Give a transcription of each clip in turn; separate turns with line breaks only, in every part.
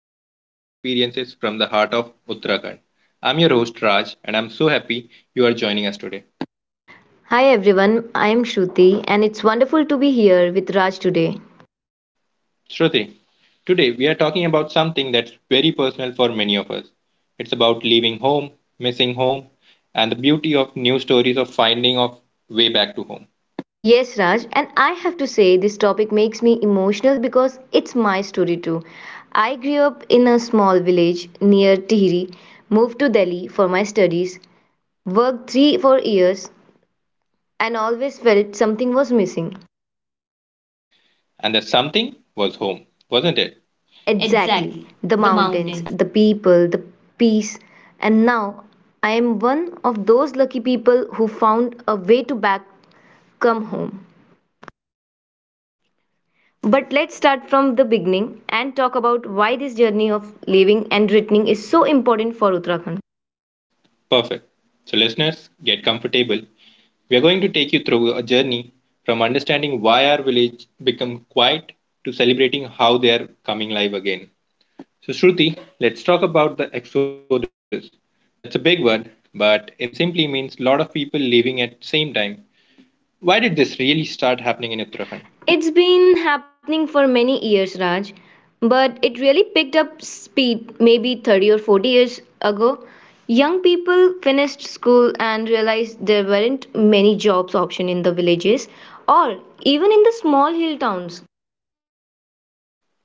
share real experiences from the heart of Uttarakhand. I'm your host, Raj, and I'm so happy you are joining us today.
Hi everyone, I am Shruti and it's wonderful to be here with Raj today.
Shruti, today we are talking about something that's very personal for many of us. It's about leaving home, missing home, and the beauty of new stories of finding of way back to home.
Yes, Raj, and I have to say this topic makes me emotional because it's my story too. I grew up in a small village near Tihri, moved to Delhi for my studies, worked 3 4 years and always felt something was missing.
And the something was home, wasn't it?
Exactly,
Exactly,
the
the
mountains,
mountains.
the people, the peace, and now I am one of those lucky people who found a way to back come home. But let's start from the beginning and talk about why this journey of living and writing is so important for Uttarakhand.
Perfect. So, listeners, get comfortable. We are going to take you through a journey from understanding why our village become quiet to celebrating how they are coming live again. So, Shruti, let's talk about the exodus. That's a big word, but it simply means a lot of people leaving at same time. Why did this really start happening in Uttarakhand?
It's been happening for many years, Raj, but it really picked up speed maybe 30 or 40 years ago. Young people finished school and realized there weren't many jobs option in the villages or even in the small hill towns.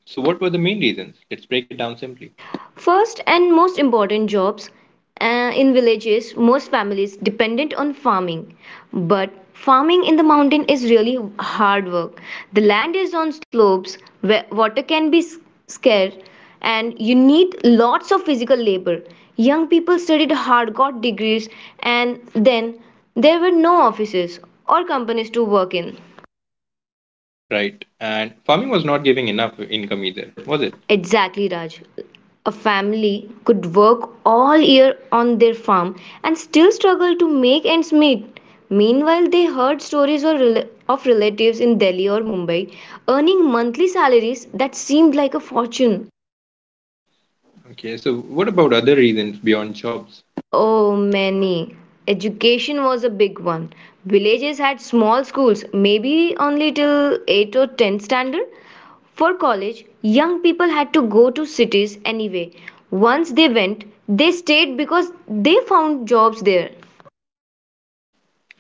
So, what were the main reasons? Let's break it down simply.
First and most important jobs in villages, most families dependent on farming. But farming in the mountain is really hard work. The land is on slopes where water can be scarce and you need lots of physical labor. Young people studied hard, got degrees, and then there were no offices or companies to work in.
Right. And farming was not giving enough income either, was it?
Exactly, Raj. A family could work all year on their farm and still struggle to make ends meet. Meanwhile, they heard stories of relatives in Delhi or Mumbai earning monthly salaries that seemed like a fortune.
Okay. So, what about other reasons beyond jobs?
Oh, many. Education was a big one. Villages had small schools, maybe only till 8 or 10 standard. For college, young people had to go to cities anyway. Once they went, they stayed because they found jobs there.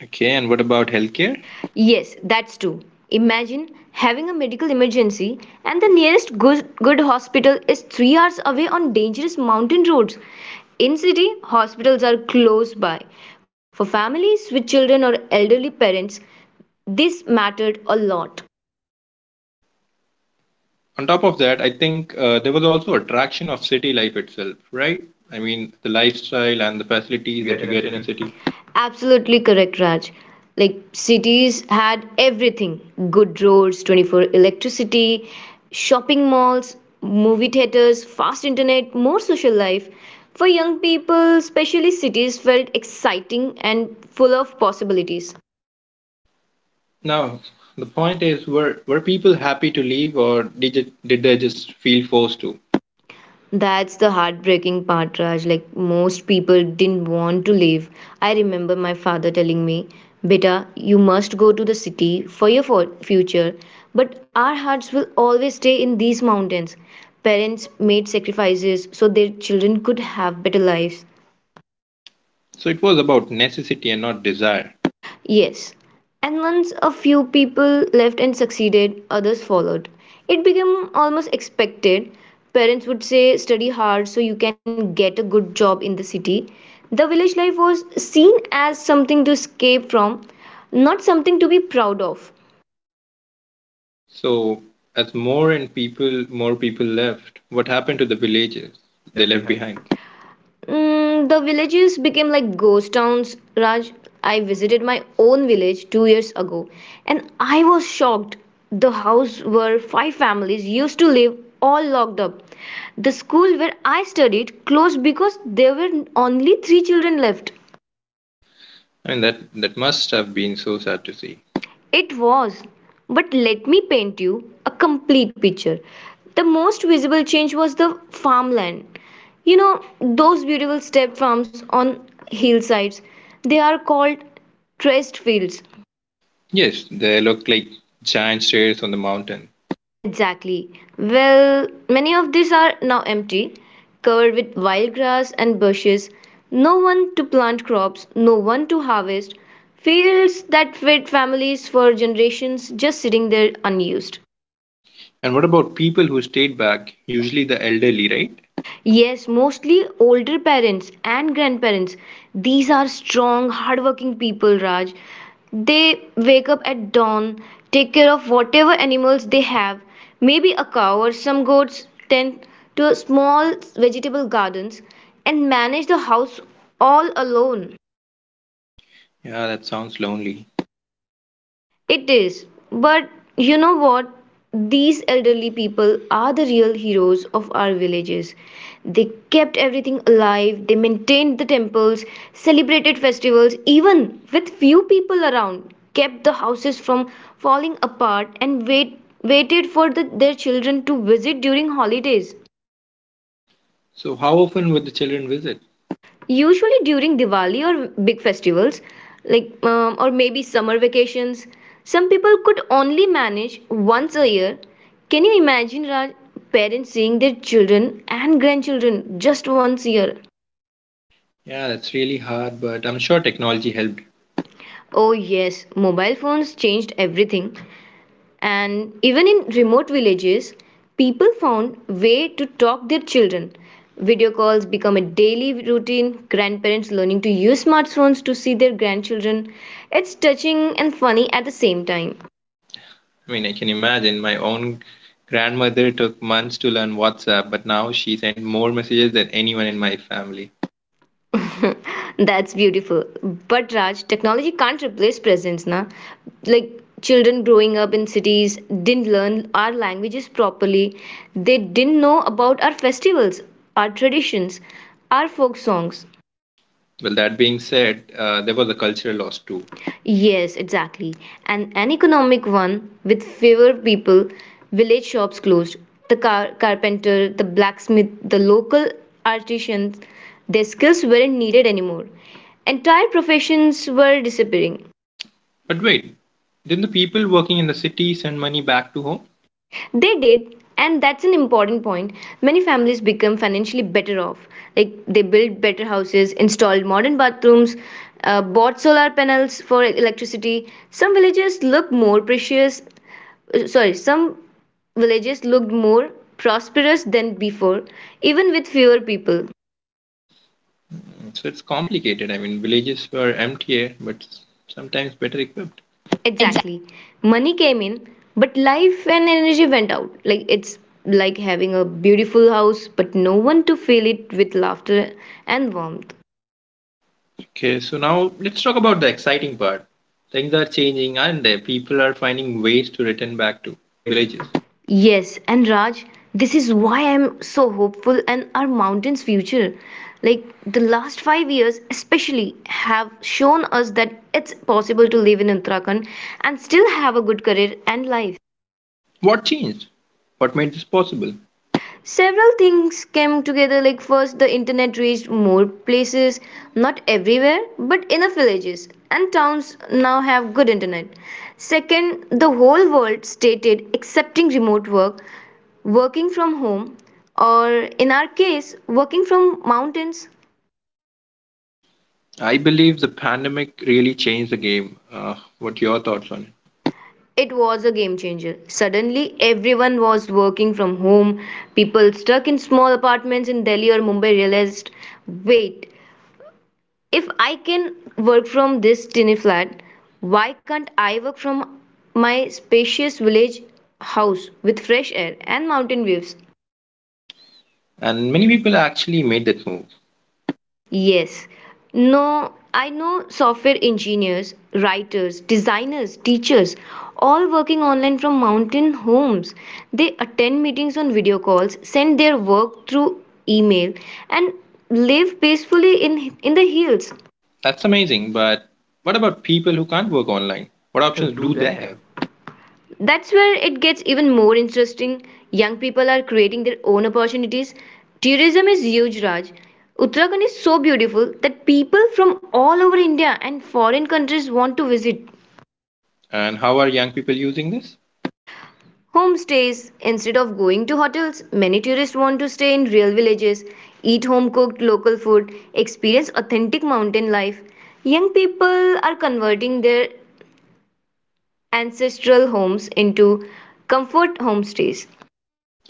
Okay, and what about healthcare?
Yes, that's true. Imagine having a medical emergency and the nearest good hospital is 3 hours away on dangerous mountain roads. In city, hospitals are close by. For families with children or elderly parents, this mattered a lot.
On top of that, I think there was also attraction of city life itself, right? I mean, the lifestyle and the facilities that you get in a city.
Absolutely correct, Raj. Like cities had everything, good roads, 24 electricity, shopping malls, movie theaters, fast internet, more social life. For young people, especially, cities felt exciting and full of possibilities.
Now, the point is, were people happy to leave, or did they just feel forced to?
That's the heartbreaking part, Raj. Like most people didn't want to leave. I remember my father telling me, Beta, you must go to the city for your future, but our hearts will always stay in these mountains. Parents made sacrifices so their children could have better lives.
So it was about necessity and not desire.
Yes. And once a few people left and succeeded, others followed. It became almost expected. Parents would say, study hard so you can get a good job in the city. The village life was seen as something to escape from, not something to be proud of.
So as more and people, more people left. What happened to the villages they left behind?
The villages became like ghost towns, Raj. I visited my own village 2 years ago and I was shocked. The house where five families used to live all locked up. The school where I studied closed because there were only three children left.
I mean, that must have been so sad to see.
It was. But let me paint you a complete picture. The most visible change was the farmland. You know, those beautiful step farms on hillsides. They are called traced fields.
Yes, they look like giant stairs on the mountain.
Exactly. Well, many of these are now empty, covered with wild grass and bushes. No one to plant crops, no one to harvest. Fields that fed families for generations just sitting there unused.
And what about people who stayed back? Usually the elderly, right?
Yes, mostly older parents and grandparents. These are strong, hardworking people, Raj. They wake up at dawn, take care of whatever animals they have, maybe a cow or some goats, tend to small vegetable gardens, and manage the house all alone.
Yeah, that sounds lonely.
It is. But you know what? These elderly people are the real heroes of our villages. They kept everything alive, they maintained the temples, celebrated festivals, even with few people around, kept the houses from falling apart, and waited for their children to visit during holidays.
So, how often would the children visit?
Usually during Diwali or big festivals, like or maybe summer vacations. Some people could only manage once a year. Can you imagine, Raj, parents seeing their children and grandchildren just once a year?
Yeah, that's really hard, but I'm sure technology helped.
Oh yes, mobile phones changed everything. And even in remote villages, people found way to talk their children. Video calls become a daily routine, grandparents learning to use smartphones to see their grandchildren. It's touching and funny at the same time.
I mean, I can imagine my own grandmother took months to learn WhatsApp, but now she sent more messages than anyone in my family.
That's beautiful. But Raj, technology can't replace presence, na? Like children growing up in cities didn't learn our languages properly. They didn't know about our festivals, our traditions, our folk songs.
Well, that being said, there was a cultural loss too.
Yes, exactly. And an economic one with fewer people, village shops closed, the carpenter, the blacksmith, the local artisans, their skills weren't needed anymore. Entire professions were disappearing.
But wait, didn't the people working in the city send money back to home?
They did, and that's an important point. Many families become financially better off. Like they built better houses, installed modern bathrooms, bought solar panels for electricity. Some villages look more precious sorry, some villages looked more prosperous than before, even with fewer people.
Mm, so it's complicated. I mean, villages were emptier, but sometimes better equipped.
Exactly. Money came in, but life and energy went out. Like it's like having a beautiful house, but no one to fill it with laughter and warmth.
Okay, so now let's talk about the exciting part. Things are changing and people are finding ways to return back to villages.
Yes, and Raj, this is why I'm so hopeful and our mountain's future. Like the last 5 years, especially, have shown us that it's possible to live in Uttarakhand and still have a good career and life.
What changed? What made this possible?
Several things came together, like first the internet reached more places, not everywhere but enough villages and towns now have good internet. Second, the whole world stated accepting remote work, working from home, or in our case, working from mountains.
I believe the pandemic really changed the game. What your thoughts on it?
It was a game changer. Suddenly everyone was working from home. People stuck in small apartments in Delhi or Mumbai realized, wait, if I can work from this tiny flat, why can't I work from my spacious village house with fresh air and mountain views?
And many people actually made that move.
Yes. No, I know software engineers, writers, designers, teachers, all working online from mountain homes. They attend meetings on video calls, send their work through email, and live peacefully in the hills.
That's amazing, but what about people who can't work online? What options do they have?
That's where it gets even more interesting. Young people are creating their own opportunities. Tourism is huge, Raj. Uttarakhand is so beautiful that people from all over India and foreign countries want to visit.
And how are young people using this?
Homestays. Instead of going to hotels, many tourists want to stay in real villages, eat home cooked local food, experience authentic mountain life. Young people are converting their ancestral homes into comfort homestays.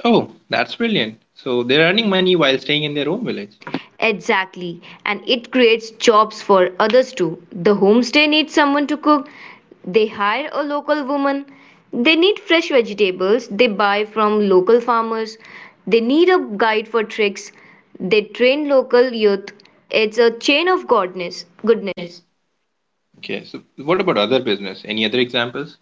Oh, that's brilliant. So they're earning money while staying in their own village.
Exactly, and it creates jobs for others too. The homestay needs someone to cook, they hire a local woman, they need fresh vegetables, they buy from local farmers, they need a guide for tricks, they train local youth. It's a chain of goodness.
Okay, so what about other business? Any other examples?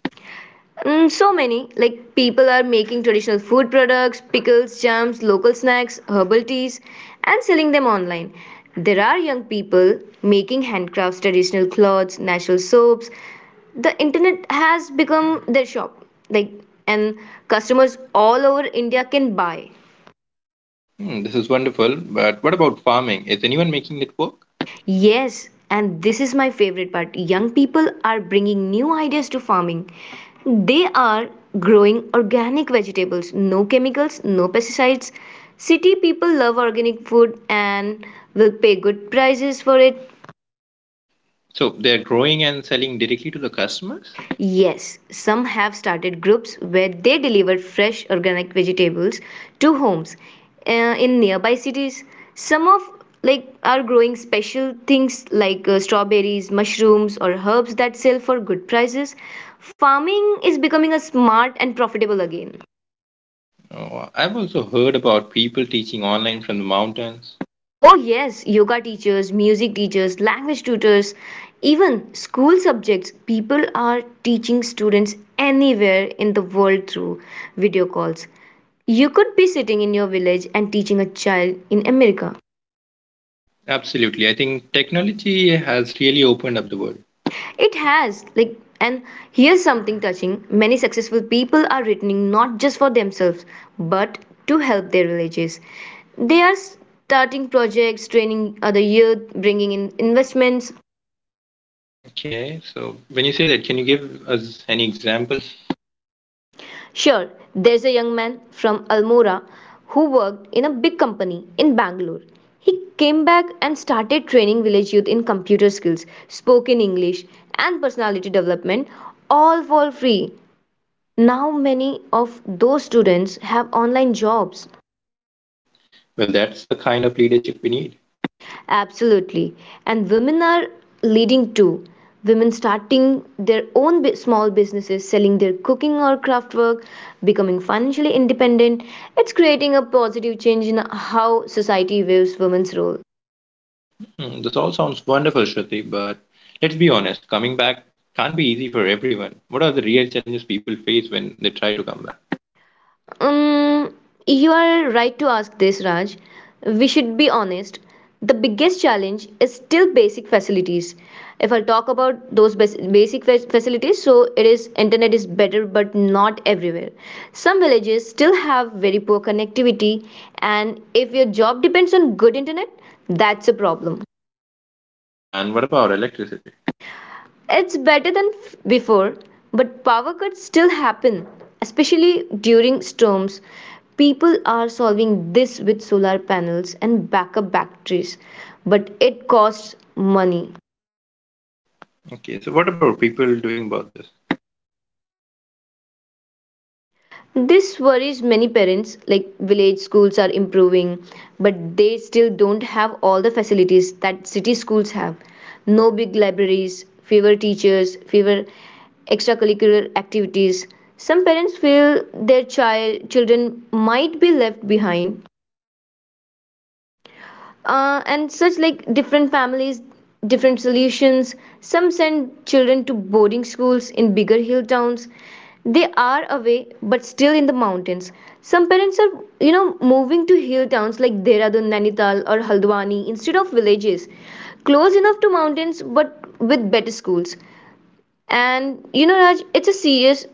Mm, so many. Like people are making traditional food products, pickles, jams, local snacks, herbal teas, and selling them online. There are young people making handcrafts, traditional clothes, natural soaps. The internet has become their shop. Like and customers all over India can buy.
Hmm, this is wonderful, but what about farming? Is anyone making that work?
Yes, and this is my favorite part. Young people are bringing new ideas to farming. They are growing organic vegetables, no chemicals, no pesticides. City people love organic food and will pay good prices for it.
So they're growing and selling directly to the customers?
Yes, some have started groups where they deliver fresh organic vegetables to homes uh, in nearby cities. Some of like are growing special things like strawberries, mushrooms, or herbs that sell for good prices. Farming is becoming a smart and profitable again.
Oh, I've also heard about people teaching online from the mountains.
Oh, yes, yoga teachers, music teachers, language tutors, even school subjects. People are teaching students anywhere in the world through video calls. You could be sitting in your village and teaching a child in America.
Absolutely, I think technology has really opened up the world.
It has, like, and here's something touching, many successful people are written not just for themselves, but to help their villages. They are starting projects, training other youth, bringing in investments.
Okay, so when you say that, can you give us any examples?
Sure, there's a young man from Almora who worked in a big company in Bangalore. He came back and started training village youth in computer skills, spoken English, and personality development, all for free. Now, many of those students have online jobs.
Well, that's the kind of leadership we need.
Absolutely. And women are leading too. Women starting their own small businesses, selling their cooking or craft work, becoming financially independent. It's creating a positive change in how society views women's role.
Hmm, this all sounds wonderful, Shruti, but let's be honest, coming back can't be easy for everyone. What are the real challenges people face when they try to come back?
Um, you are right to ask this, Raj. We should be honest. The biggest challenge is still basic facilities. If I talk about those basic facilities, so it is internet is better, but not everywhere. Some villages still have very poor connectivity, and if your job depends on good internet, that's a problem.
And what about electricity?
It's better than before, but power cuts still happen, especially during storms. People are solving this with solar panels and backup batteries, but it costs money.
Okay, so what about people doing about this?
This worries many parents. Like village schools are improving, but they still don't have all the facilities that city schools have. No big libraries, fewer teachers, fewer extracurricular activities. Some parents feel their children might be left behind. And such like different families, different solutions. Some send children to boarding schools in bigger hill towns, they are away but still in the mountains. Some parents are, you know, moving to hill towns like Dehradun, Nainital or Haldwani instead of villages, close enough to mountains but with better schools. And you know Raj, it's a serious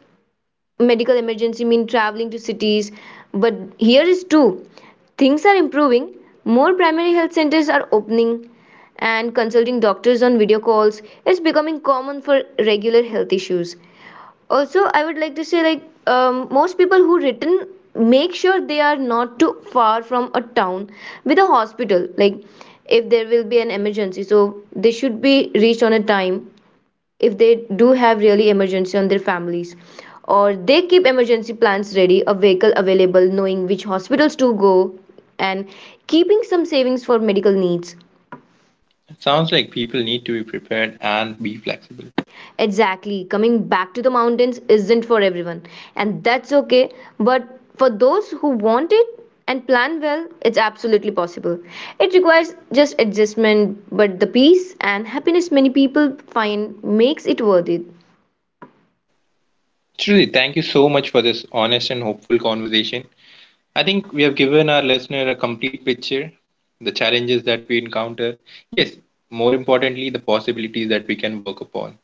medical emergency mean traveling to cities but here is too. Things are improving. More primary health centers are opening and consulting doctors on video calls is becoming common for regular health issues. Also I would like to say like most people who written make sure they are not too far from a town with a hospital, like if there will be an emergency so they should be reached on a time if they do have really emergency on their families, or they keep emergency plans ready, a vehicle available, knowing which hospitals to go, and keeping some savings for medical needs.
It sounds like people need to be prepared and be flexible.
Exactly. Coming back to the mountains isn't for everyone, and that's okay. But for those who want it and plan well, it's absolutely possible. It requires just adjustment, but the peace and happiness many people find makes it worth it.
Truly, thank you so much for this honest and hopeful conversation. I think we have given our listener a complete picture, the challenges that we encounter. Yes, more importantly, the possibilities that we can work upon.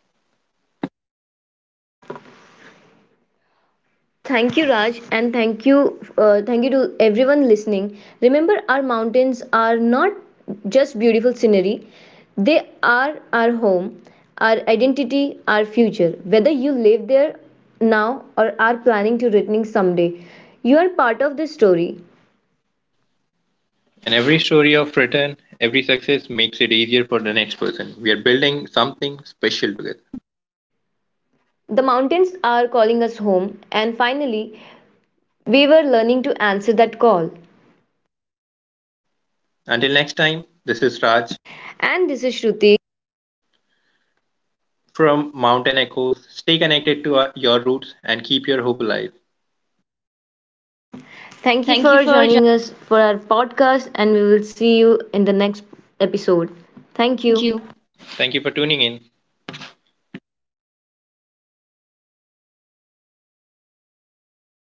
Thank you, Raj, and thank you to everyone listening. Remember, our mountains are not just beautiful scenery; they are our home, our identity, our future. Whether you live there now or are planning to returning someday, you are part of this story.
And every story of return, every success makes it easier for the next person. We are building something special together.
The mountains are calling us home, and finally, we were learning to answer that call.
Until next time, this is Raj
And this is Shruti.
from Mountain Echoes. Stay connected to our, your roots and keep your hope alive.
Thank you
Thank you
for
for jo-
joining us for our podcast, and we will see you in the next episode. Thank
Thank
you.
you. Thank you for tuning in.